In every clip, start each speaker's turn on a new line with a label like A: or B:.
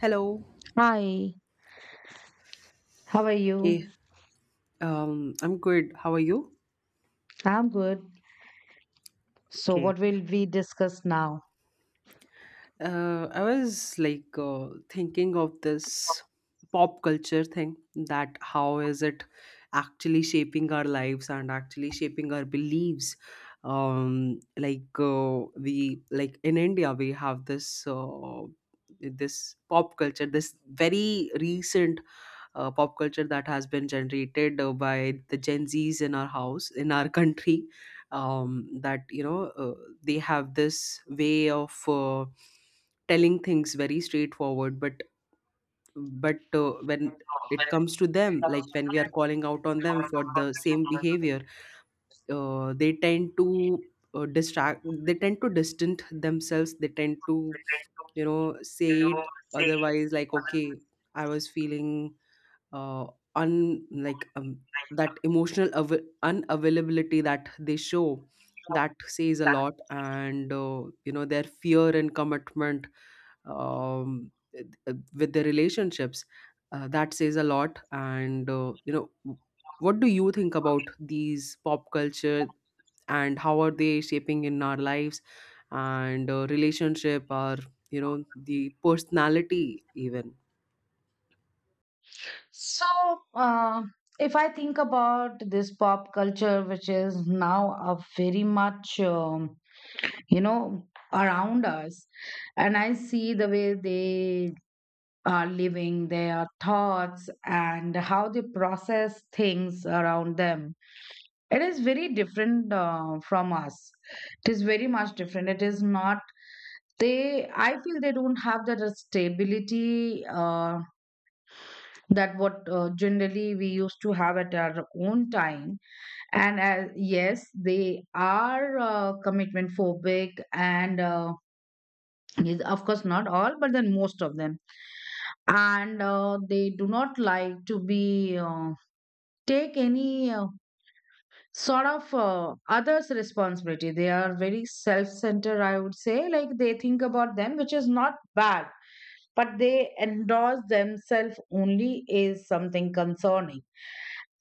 A: Hello.
B: Hi, how are
A: Okay,
B: you?
A: I'm good. How are you?
B: I'm good. So,
A: Okay.
B: what will we discuss now?
A: I was like thinking of this pop culture thing that how is it actually shaping our lives and actually shaping our beliefs? We like in India, we have this this pop culture, this very recent pop culture that has been generated by the Gen Zs in our house, in our country, that they have this way of telling things very straightforward, but but when it comes to them, like when we are calling out on them for the same behavior, they tend to distract. They tend to distant themselves. They tend to you know say it otherwise, like okay, I was feeling uh, un like that emotional unavailability that they show, that says a lot, and you know their fear and commitment with their relationships, that says a lot and you know, what do you think about these pop culture and how are they shaping in our lives and relationship, or you know, the personality even?
B: So, uh, if I think about this pop culture, which is now a very much, you know, around us, and I see the way they are living, their thoughts, and how they process things around them, it is very different from us. It is very much different. It is not they I feel they don't have that stability, that what generally we used to have at our own time. And as, yes, they are commitment phobic, and yes, of course not all, but then most of them. And they do not like to be take any sort of others responsibility. They are very self centered, I would say, like they think about them, which is not bad, but they endorse themselves only is something concerning.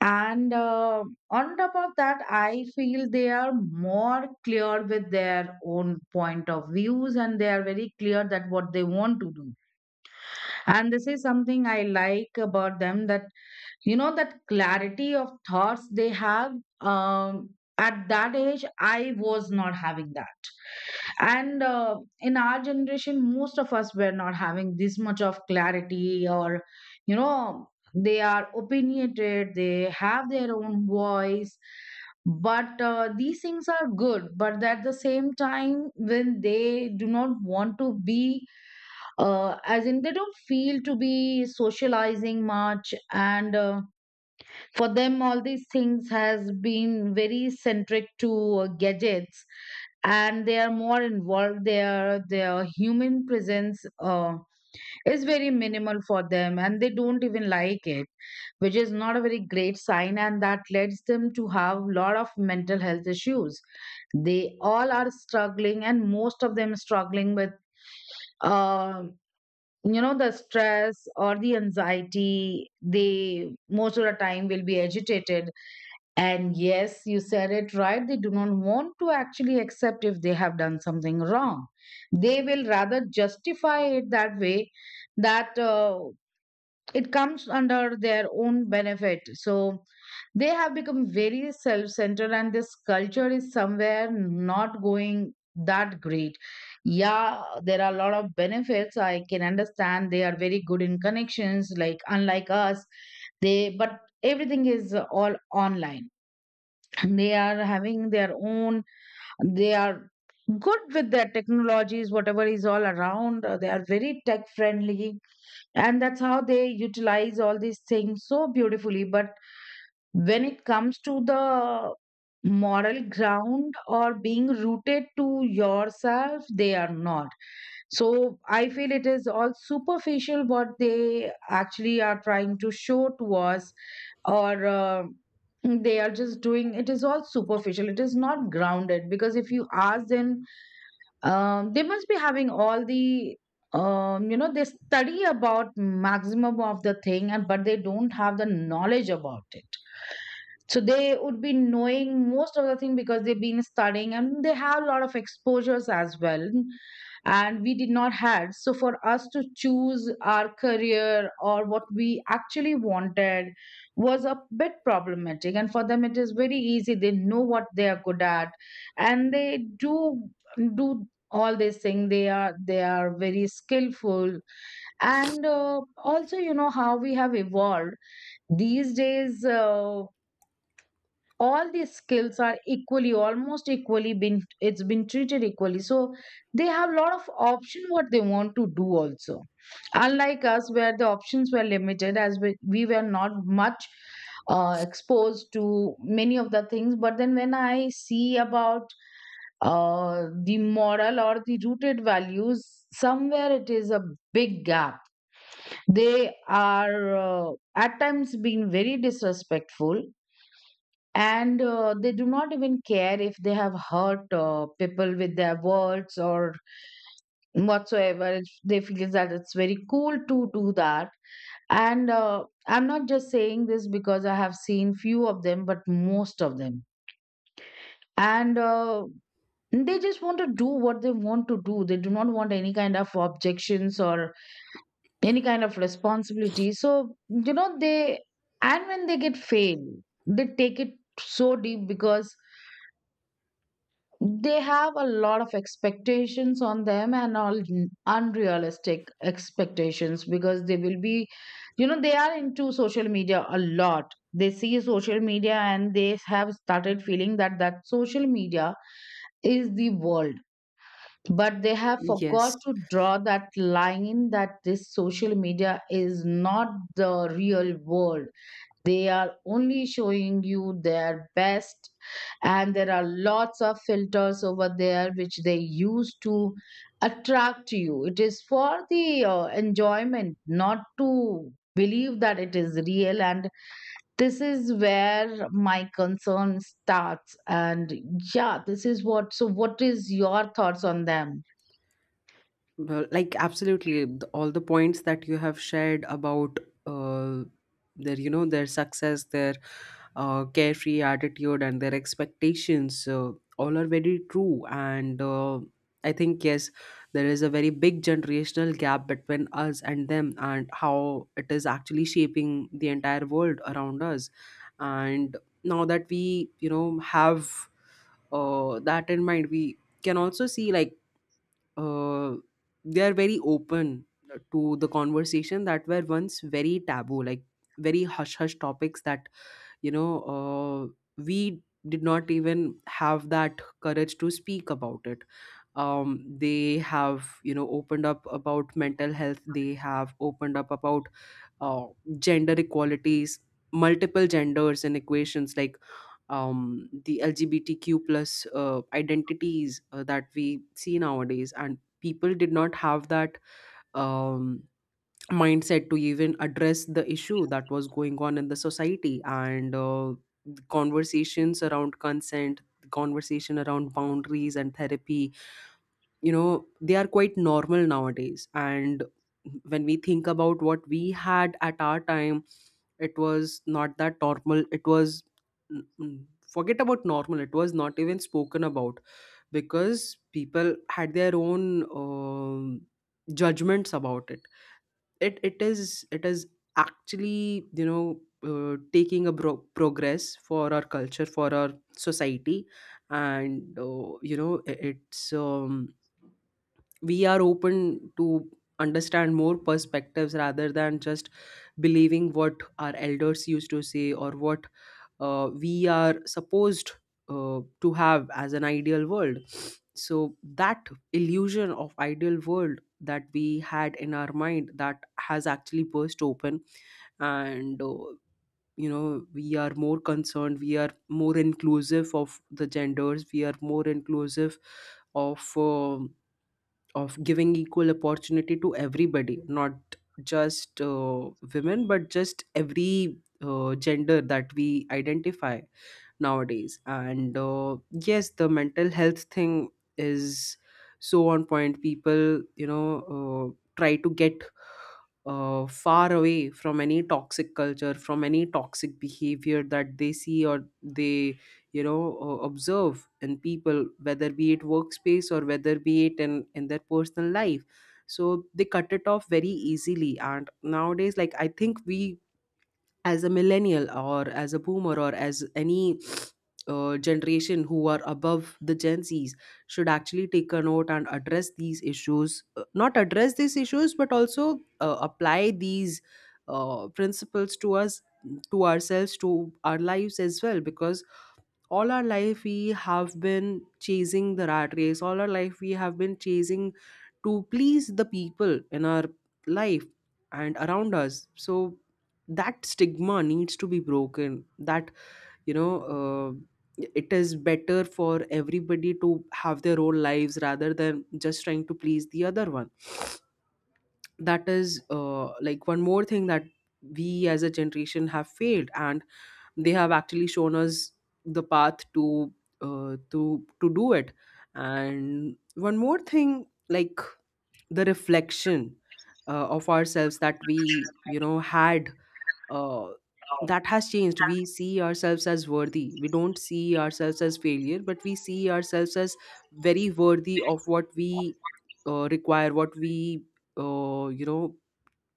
B: And on top of that, I feel they are more clear with their own point of views, and they are very clear that what they want to do. And this is something I like about them, that you know, that clarity of thoughts they have. um, at that age I was not having that, and in our generation most of us were not having this much of clarity, or you know, they are opinionated, they have their own voice. But these things are good, but at the same time when they do not want to be, as in they don't feel to be socializing much. And for them all these things has been very centric to gadgets, and they are more involved, their human presence is very minimal for them, and they don't even like it, which is not a very great sign, and that leads them to have a lot of mental health issues. They all are struggling, and most of them struggling with, uh, you know, the stress or the anxiety. They most of the time will be agitated. And yes, you said it right. They do not want to actually accept if they have done something wrong. They will rather justify it that way, that it comes under their own benefit. So they have become very self centered, and this culture is somewhere not going that great. Yeah, there are a lot of benefits. I can understand they are very good in connections, like unlike us, they but everything is all online. They are having their own, they are good with their technologies, whatever is all around, they are very tech friendly, and that's how they utilize all these things so beautifully. But when it comes to the moral ground or being rooted to yourself, they are not. So I feel it is all superficial what they actually are trying to show to us, or they are just doing, it is all superficial, it is not grounded. Because if you ask them, they must be having all the, you know, they study about maximum of the thing, and but they don't have the knowledge about it. So they would be knowing most of the thing because they've been studying, and they have a lot of exposures as well. And we did not had, so for us to choose our career or what we actually wanted was a bit problematic. And for them it is very easy, they know what they are good at, and they do all this thing. They are very skillful. And also, you know how we have evolved these days, all these skills are equally, almost equally been, it's been treated equally, so they have lot of option what they want to do also, unlike us where the options were limited, as we were not much exposed to many of the things. But then when I see about the moral or the rooted values, somewhere it is a big gap. They are, at times being very disrespectful, and they do not even care if they have hurt people with their words or whatsoever. If they feel that it's very cool to do that. And I'm not just saying this because I have seen few of them, but most of them. And they just want to do what they want to do, they do not want any kind of objections or any kind of responsibility. So you know, they, and when they get failed, they take it so deep, because they have a lot of expectations on them and all, unrealistic expectations, because they will be, you know, they are into social media a lot. They see social media, and they have started feeling that social media is the world. But they have forgot
A: Yes.
B: to draw that line, that this social media is not the real world. They are only showing you their best, and there are lots of filters over there which they use to attract you. It is for the enjoyment, not to believe that it is real. And this is where my concern starts. And yeah, this is what, so what is your thoughts on them?
A: Well, like absolutely, all the points that you have shared about uh, their, you know, their success, their carefree attitude, and their expectations, all are very true. And I think yes, there is a very big generational gap between us and them, and how it is actually shaping the entire world around us. And now that we, you know, have that in mind, we can also see like uh, they are very open to the conversation that were once very taboo, like very hush hush topics that you know uh, we did not even have that courage to speak about it. They have, you know, opened up about mental health. They have opened up about uh, gender equalities, multiple genders and equations like the LGBTQ plus identities that we see nowadays, and people did not have that um, mindset to even address the issue that was going on in the society, and the conversations around consent, the conversation around boundaries and therapy, you know, they are quite normal nowadays. And when we think about what we had at our time, it was not that normal, it was forget about normal, it was not even spoken about, because people had their own judgments about it. It is actually, you know, taking a progress for our culture, for our society. And you know, it's we are open to understand more perspectives rather than just believing what our elders used to say, or what we are supposed to have as an ideal world. So that illusion of ideal world that we had in our mind, that has actually burst open. And you know, we are more concerned, we are more inclusive of the genders, we are more inclusive of um of giving equal opportunity to everybody, not just women, but just every gender that we identify nowadays. And yes, the mental health thing is so on point. People, you know, try to get far away from any toxic culture, from any toxic behavior that they see or they you know observe in people, whether be it workspace or whether be it in their personal life. So they cut it off very easily. And nowadays, like, I think we as a millennial, or as a boomer, or as any generation who are above the Gen Zs should actually take a note and address these issues. Not address these issues, but also apply these principles to us, to ourselves, to our lives as well, because all our life we have been chasing the rat race, all our life we have been chasing to please the people in our life and around us. So that stigma needs to be broken, that you know, it is better for everybody to have their own lives rather than just trying to please the other one. That is like one more thing that we as a generation have failed, and they have actually shown us the path to do it. And one more thing like the reflection of ourselves that we you know had uh, that has changed. We see ourselves as worthy, we don't see ourselves as failure, but we see ourselves as very worthy of what we require, what we you know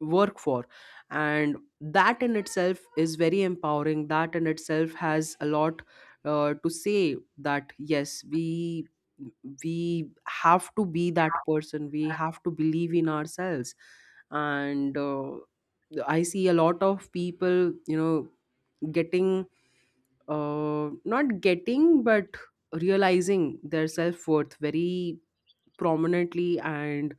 A: work for. And that in itself is very empowering, that in itself has a lot to say that yes, we have to be that person, we have to believe in ourselves. And I see a lot of people, you know, getting not getting but realizing their self-worth very prominently. And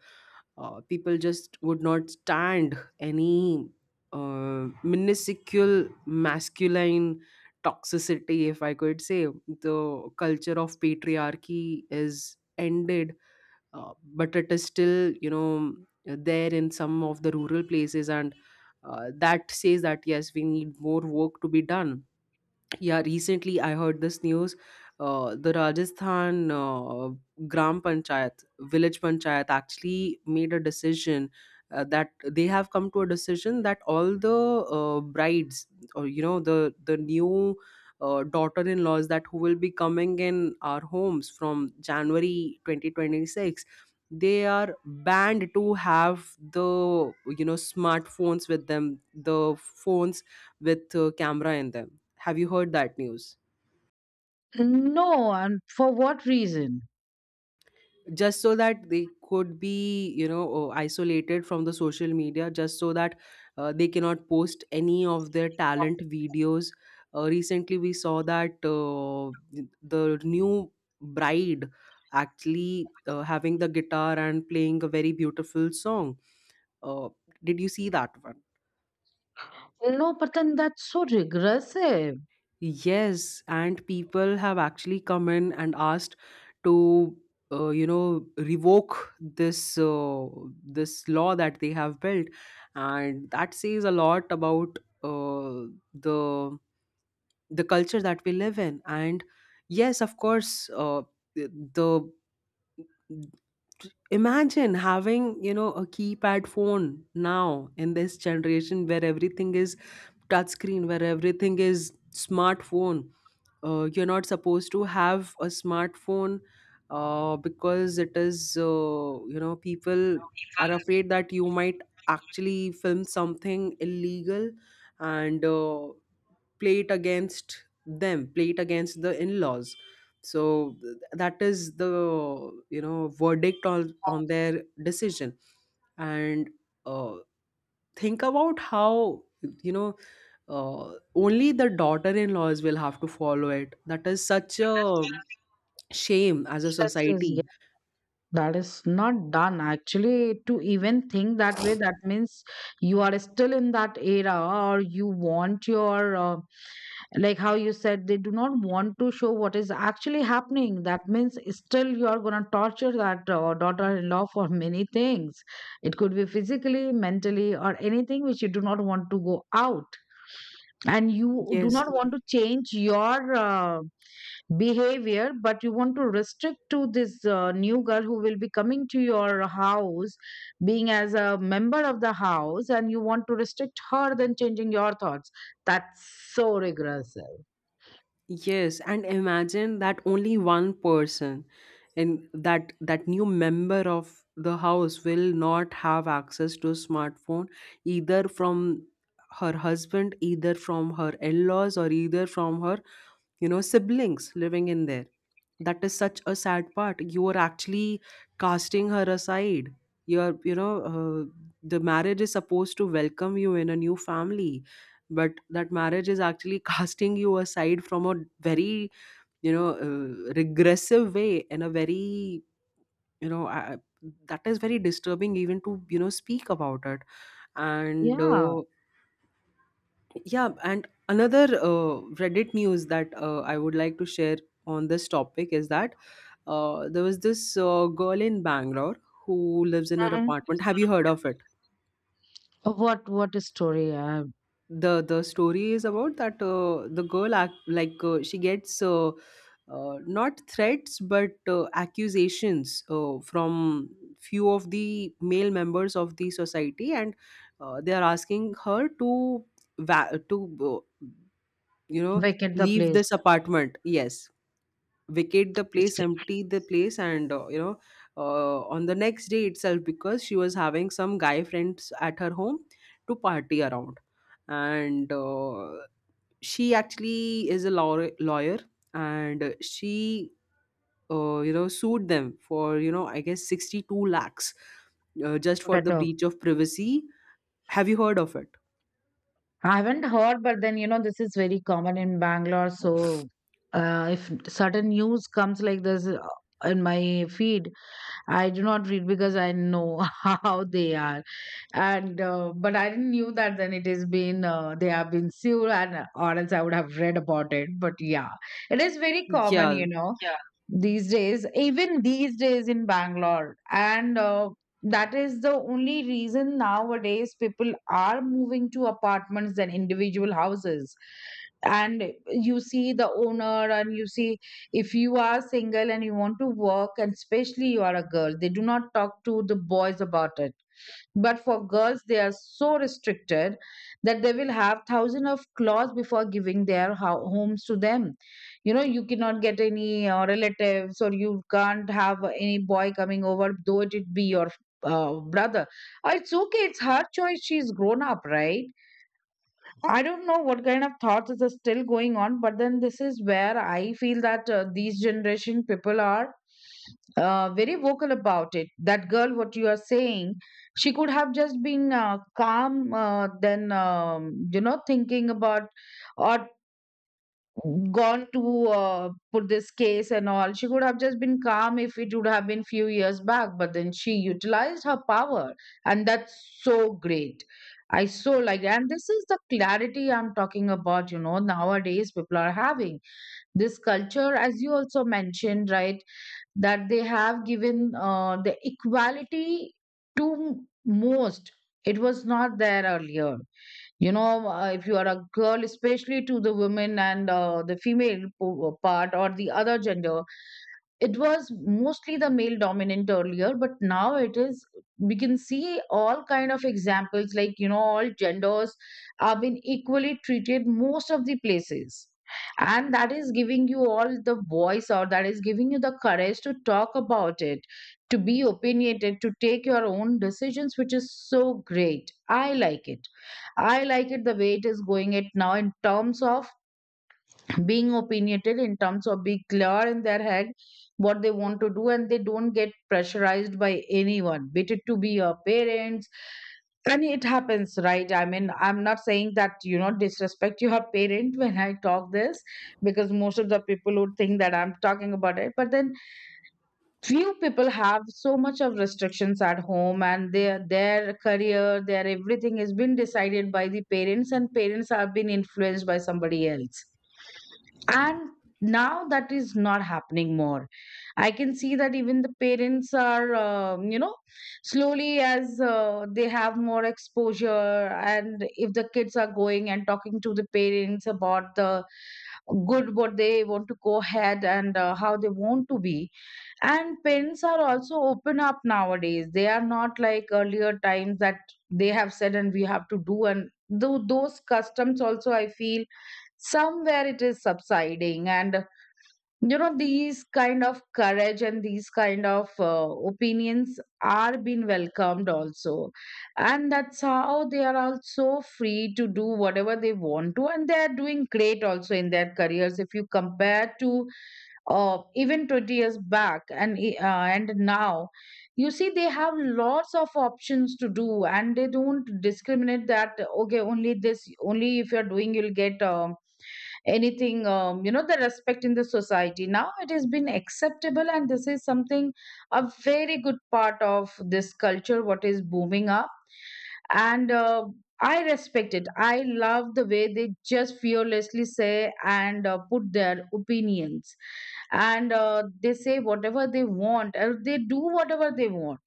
A: people just would not stand any minuscule masculine toxicity, if I could say. The culture of patriarchy is ended, uh, but it is still, you know, there in some of the rural places. And that says that yes, we need more work to be done. Yeah, recently I heard this news. The Rajasthan Gram Panchayat, village panchayat, actually made a decision that they have come to a decision that all the brides, or you know, the new daughter-in-laws that who will be coming in our homes from January 2026, they are banned to have the you know smartphones with them, the phones with camera in them. Have you heard that news?
B: No, and for what reason?
A: Just so that they could be, you know, isolated from the social media, just so that they cannot post any of their talent videos. Recently, we saw that the new bride actually having the guitar and playing a very beautiful song. Uh, did you see that one?
B: No, but then that's so regressive.
A: Yes, and people have actually come in and asked to, you know, revoke this this law that they have built, and that says a lot about the the culture that we live in. And yes, of course, the imagine having, you know, a keypad phone now in this generation where everything is touch screen, where everything is smartphone. You're not supposed to have a smartphone because it is, you know, people are afraid that you might actually film something illegal, and play it against them, play it against the in laws. So that is the, you know, verdict on their decision. And uh, think about how you know only the daughter-in-laws will have to follow it. That is such a shame as a
B: That's,
A: society.
B: that is not done actually to even think that way. That means you are still in that era, or you want your, like how you said, they do not want to show what is actually happening. That means still you are gonna torture that daughter in law for many things. It could be physically, mentally, or anything which you do not want to go out, and you do
A: Yes,
B: not want to change your, behavior, but you want to restrict to this new girl who will be coming to your house being as a member of the house, and you want to restrict her than changing your thoughts. That's so regressive.
A: yes, and imagine that only one person in that new member of the house will not have access to a smartphone, either from her husband, either from her in-laws, or either from her you know siblings living in there. That is such a sad part. You are actually casting her aside. You're you know the marriage is supposed to welcome you in a new family, but that marriage is actually casting you aside from a very you know regressive way, in a very you know I, that is very disturbing even to you know speak about it. and
B: Yeah.
A: uh, yeah, and another Reddit news that I would like to share on this topic is that there was this girl in Bangalore who lives in her
B: Mhm.
A: apartment. Have you heard of it?
B: What a story,
A: The story is about that the girl act like she gets not threats but accusations from few of the male members of the society, and they are asking her to va- to uh, you know
B: vacate the
A: leave
B: place.
A: this apartment. Yes, vacate the
B: It's
A: place, empty the place, and you know, on the next day itself, because she was having some guy friends at her home to party around. And she actually is a lawyer, and she you know sued them for you know I guess 62 lakhs, just for the
B: better.
A: breach of privacy. Have you heard of it?
B: I haven't heard, but then you know this is very common in Bangalore. So if sudden news comes like this, in my feed, I do not read because I know how they are. And but I didn't knew that then it has been, they have been sued, and or else I would have read about it. But yeah, it is very common,
A: Yeah,
B: you know, these days, even these days in Bangalore. And that is the only reason nowadays people are moving to apartments than individual houses. And you see the owner, and you see, if you are single and you want to work, and especially you are a girl, they do not talk to the boys about it, but for girls, they are so restricted that they will have thousands of claws before giving their homes to them. You know, you cannot get any relatives, or you can't have any boy coming over, though it be your brother. It's okay. It's her choice. She's grown up, right? I don't know what kind of thoughts is still going on, but then this is where I feel that these generation people are very vocal about it. That girl, what you are saying, she could have just been calm, then you know, thinking about, or gone to put this case and all. She could have just been calm if it would have been few years back, but then she utilized her power, and that's so great. I so like, and this is the clarity I'm talking about. You know, nowadays people are having this culture, as you also mentioned, right? That they have given the equality to most. It was not there earlier if you are a girl, especially to the women, and the female part or the other gender. It was mostly the male dominant earlier, but now it is, we can see all kind of examples, like all genders are being equally treated most of the places, and that is giving you all the voice, or that is giving you the courage to talk about it, to be opinionated, to take your own decisions, which is so great. I like it, I like it the way it is going it now, in terms of being opinionated, in terms of being clear in their head, what they want to do, and they don't get pressurized by anyone, be it to be your parents. And it happens, right? I mean, I'm not saying that, disrespect your parent when I talk this, because most of the people would think that I'm talking about it. But then, few people have so much of restrictions at home, and their career, their everything has been decided by the parents, and parents have been influenced by somebody else. And now that is not happening more. I can see that even the parents are, slowly, as they have more exposure, and if the kids are going and talking to the parents about the good what they want to go ahead, and how they want to be. And parents are also open up nowadays, they are not like earlier times, that they have said and we have to do. And those customs also, I feel somewhere it is subsiding, and these kind of courage and these kind of opinions are being welcomed also. And that's how they are also free to do whatever they want to, and they are doing great also in their careers, if you compare to even 20 years back, and now. You see, they have lots of options to do, and they don't discriminate that okay, only this, only if you're doing, you'll get anything. Um, you know the respect in the society now, it has been acceptable, and this is something, a very good part of this culture what is booming up. And I respect it, I love the way they just fearlessly say and put their opinions, and they say whatever they want or they do whatever they want.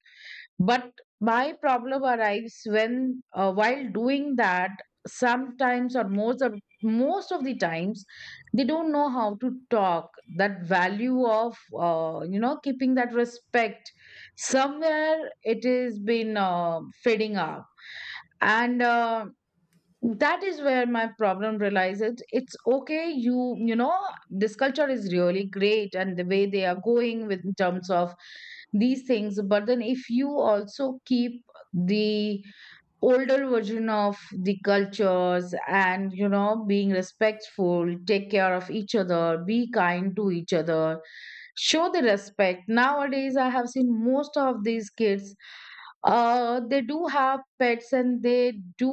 B: But my problem arrives when, while doing that, sometimes, or most of the times, they don't know how to talk. That value of keeping that respect, somewhere it has been fading up. And that is where my problem realizes. It's okay, you know this culture is really great, and the way they are going with, in terms of these things. But then, if you also keep the older version of the cultures, and being respectful, take care of each other, be kind to each other, show the respect. Nowadays I have seen most of these kids, uh, they do have pets, and they do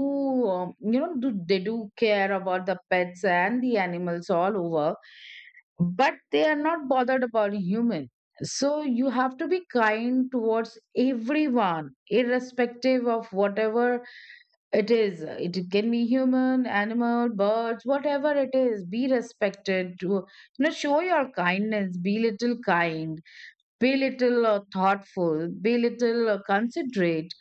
B: you know do, they do care about the pets and the animals all over, but they are not bothered about human. So you have to be kind towards everyone, irrespective of whatever it is. It can be human, animal, birds, whatever it is, be respected. To show your kindness, be little kind, be little thoughtful, be little considerate.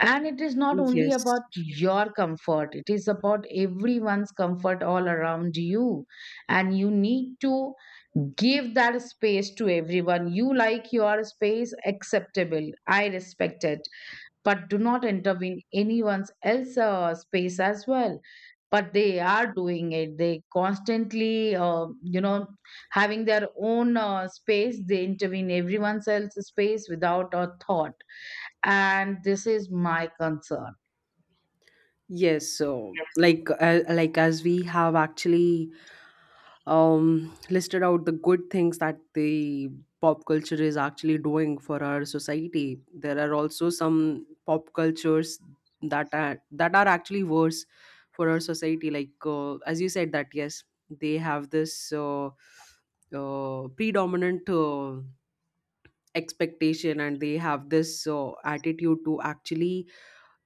B: And it is not only
A: yes.
B: about your comfort, it is about everyone's comfort all around you. And you need to give that space to everyone. You like your space, acceptable. I respect it. But do not intervene anyone's else space as well. But they are doing it. They constantly, having their own space. They intervene everyone's else space without a thought, and this is my concern.
A: Yes, so like as we have actually listed out the good things that the pop culture is actually doing for our society, there are also some pop cultures that are actually worse for our society. Like as you said, that yes, they have this predominant expectation, and they have this attitude to actually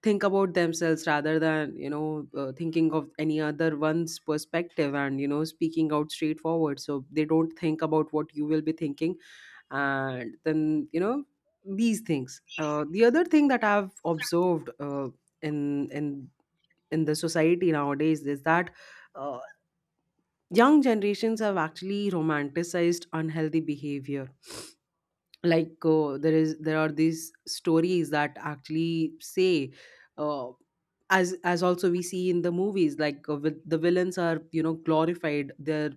A: think about themselves rather than thinking of any other one's perspective, and speaking out straightforward, so they don't think about what you will be thinking. And then you know these things. The other thing that I've observed in in in the society nowadays is that uh, young generations have actually romanticized unhealthy behavior. Like there are these stories that actually say, uh, as also we see in the movies, like the villains are, you know, glorified, their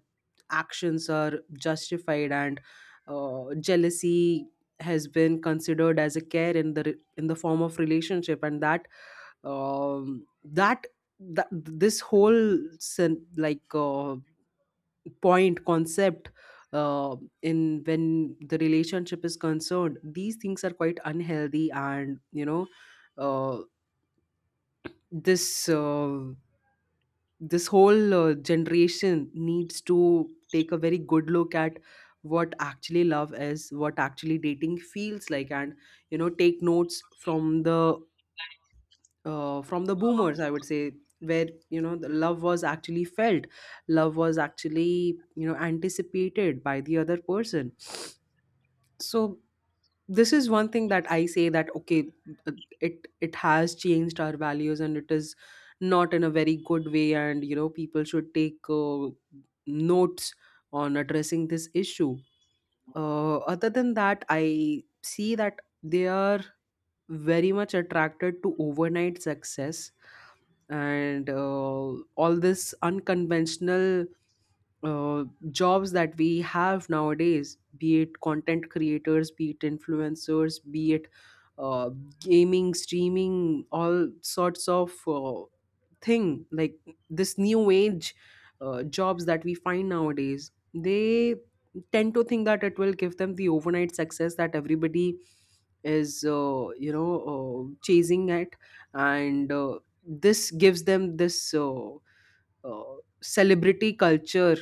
A: actions are justified, and jealousy has been considered as a care in in the form of relationship. And that, um, that that this whole sen- like point concept, uh, in when the relationship is concerned, these things are quite unhealthy. And uh, this this whole generation needs to take a very good look at what actually love is, what actually dating feels like. And take notes from the boomers, I would say, where, you know, the love was actually felt, love was actually, you know, anticipated by the other person. So this is one thing that I say, that okay, uh, it has changed our values, and it is not in a very good way. And, you know, people should take notes on addressing this issue. Other than that, I see that they are very much attracted to overnight success and all this unconventional uh, jobs that we have nowadays, be it content creators, be it influencers, be it uh, gaming, streaming, all sorts of thing, like this new age jobs that we find nowadays. They tend to think that it will give them the overnight success that everybody is chasing at. And this gives them this uh, celebrity culture,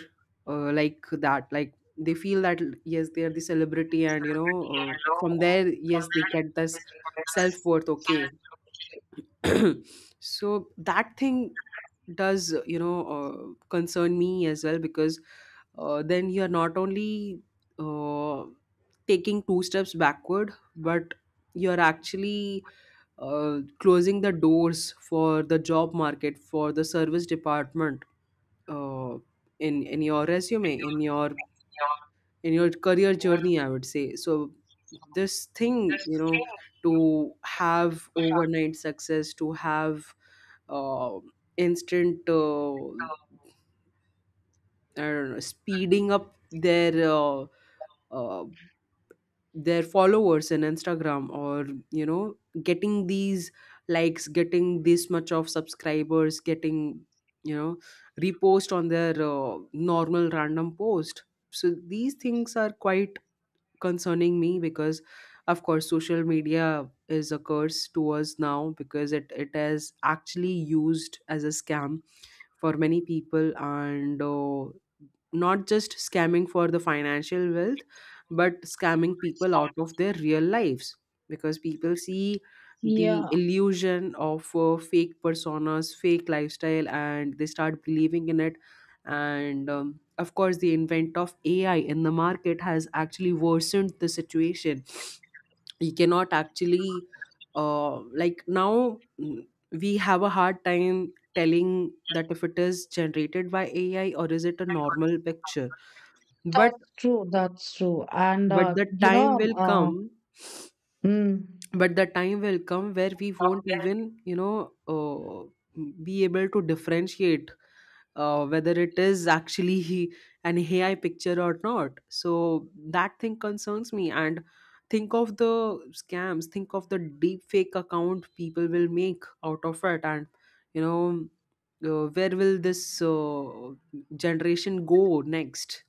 A: like that, like they feel that yes, they are the celebrity, and, you know, from there, yes, they get this self-worth. Okay. So that thing does, you know, concern me as well, because then you are not only uh, taking two steps backward, but you're actually closing the doors for the job market, for the service department, uh, in your resume, in your career journey, I would say. So this thing, you know, to have overnight success, to have uh, instant I don't know, speeding up uh, their followers in Instagram, or, you know, getting these likes, getting this much of subscribers, getting, you know, repost on their normal random post. So these things are quite concerning me, because of course social media is a curse to us now, because it is actually used as a scam for many people. And not just scamming for the financial wealth, but scamming people out of their real lives, because people see the
B: Yeah,
A: illusion of fake personas, fake lifestyle, and they start believing in it. And of course the invent of AI in the market has actually worsened the situation. You cannot actually like now, we have a hard time telling that if it is generated by AI, or is it a normal picture. but
B: that's true. That's true. And,
A: but the time will
B: um, uh,
A: come,
B: mm,
A: but the time will come where we won't even, you know, be able to differentiate whether it is actually an AI picture or not. So that thing concerns me. And think of the scams, think of the deep fake account people will make out of it, and you know. Where will this generation go next?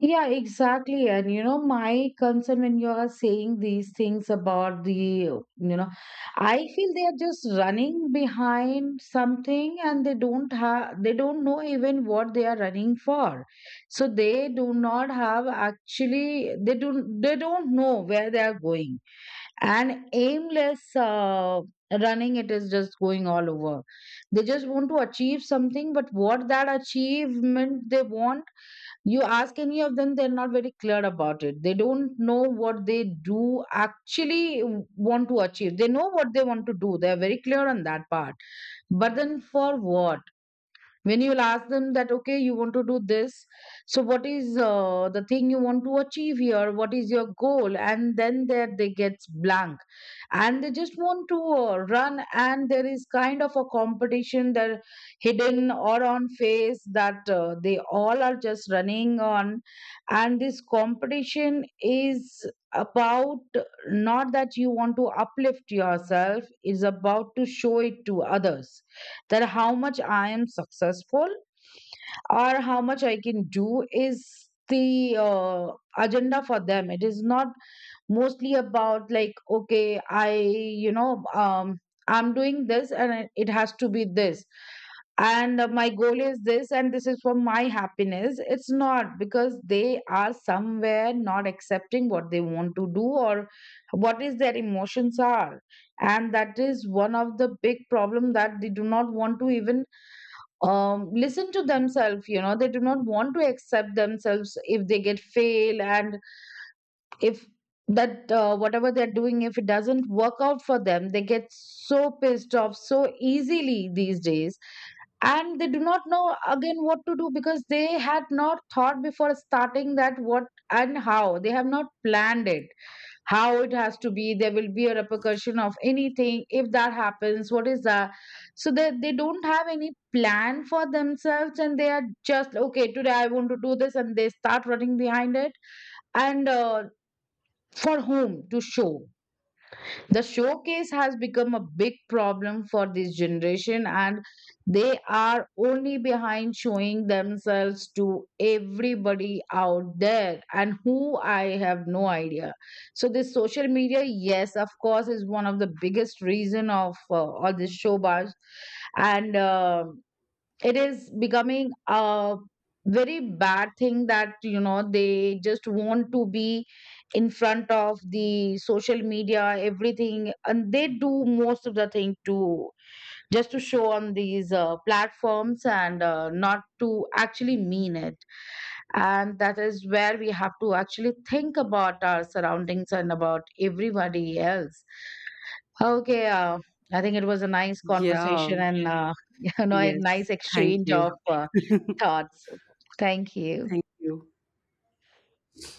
B: yeah, exactly. And, my concern when you are saying these things about the, you know, I feel they are just running behind something, and they don't have, they don't know even what they are running for. So they do not have actually, they don't know where they are going, and aimless running, it is just going all over. They just want to achieve something, but what that achievement they want, you ask any of them, they're not very clear about it. They don't know what they do actually want to achieve. They know what they want to do, they're very clear on that part, but then for what? When you will ask them that, okay, you want to do this, so what is the thing you want to achieve here? What is your goal? And then there they get blank, and they just want to run. And there is kind of a competition that, hidden or on face, that they all are just running on, and this competition is about, not that you want to uplift yourself, is about to show it to others, that how much I am successful or how much I can do, is the agenda for them. It is not mostly about like, okay, I you know I'm doing this, and it has to be this. And my goal is this, and this is for my happiness. It's not because they are somewhere not accepting what they want to do, or what is their emotions are. And that is one of the big problem, that they do not want to even, listen to themselves. They do not want to accept themselves if they get fail. And if that whatever they're doing, if it doesn't work out for them, they get so pissed off so easily these days. And they do not know again what to do, because they had not thought before starting, that what and how, they have not planned it, how it has to be, there will be a repercussion of anything, if that happens, what is that. So that they don't have any plan for themselves, and they are just okay, today I want to do this, and they start running behind it. And for whom to show? The showcase has become a big problem for this generation, and they are only behind showing themselves to everybody out there, and who, I have no idea. So this social media, yes, of course, is one of the biggest reason of all this showbiz, and it is becoming a very bad thing, that they just want to be in front of the social media everything, and they do most of the thing to just to show on these platforms, and not to actually mean it. And that is where we have to actually think about our surroundings and about everybody else. Okay, I think it was a nice
A: Yeah,
B: conversation, and a
A: yes.
B: nice
A: Thank
B: exchange
A: you.
B: of thoughts. Thank you.
A: Thank you.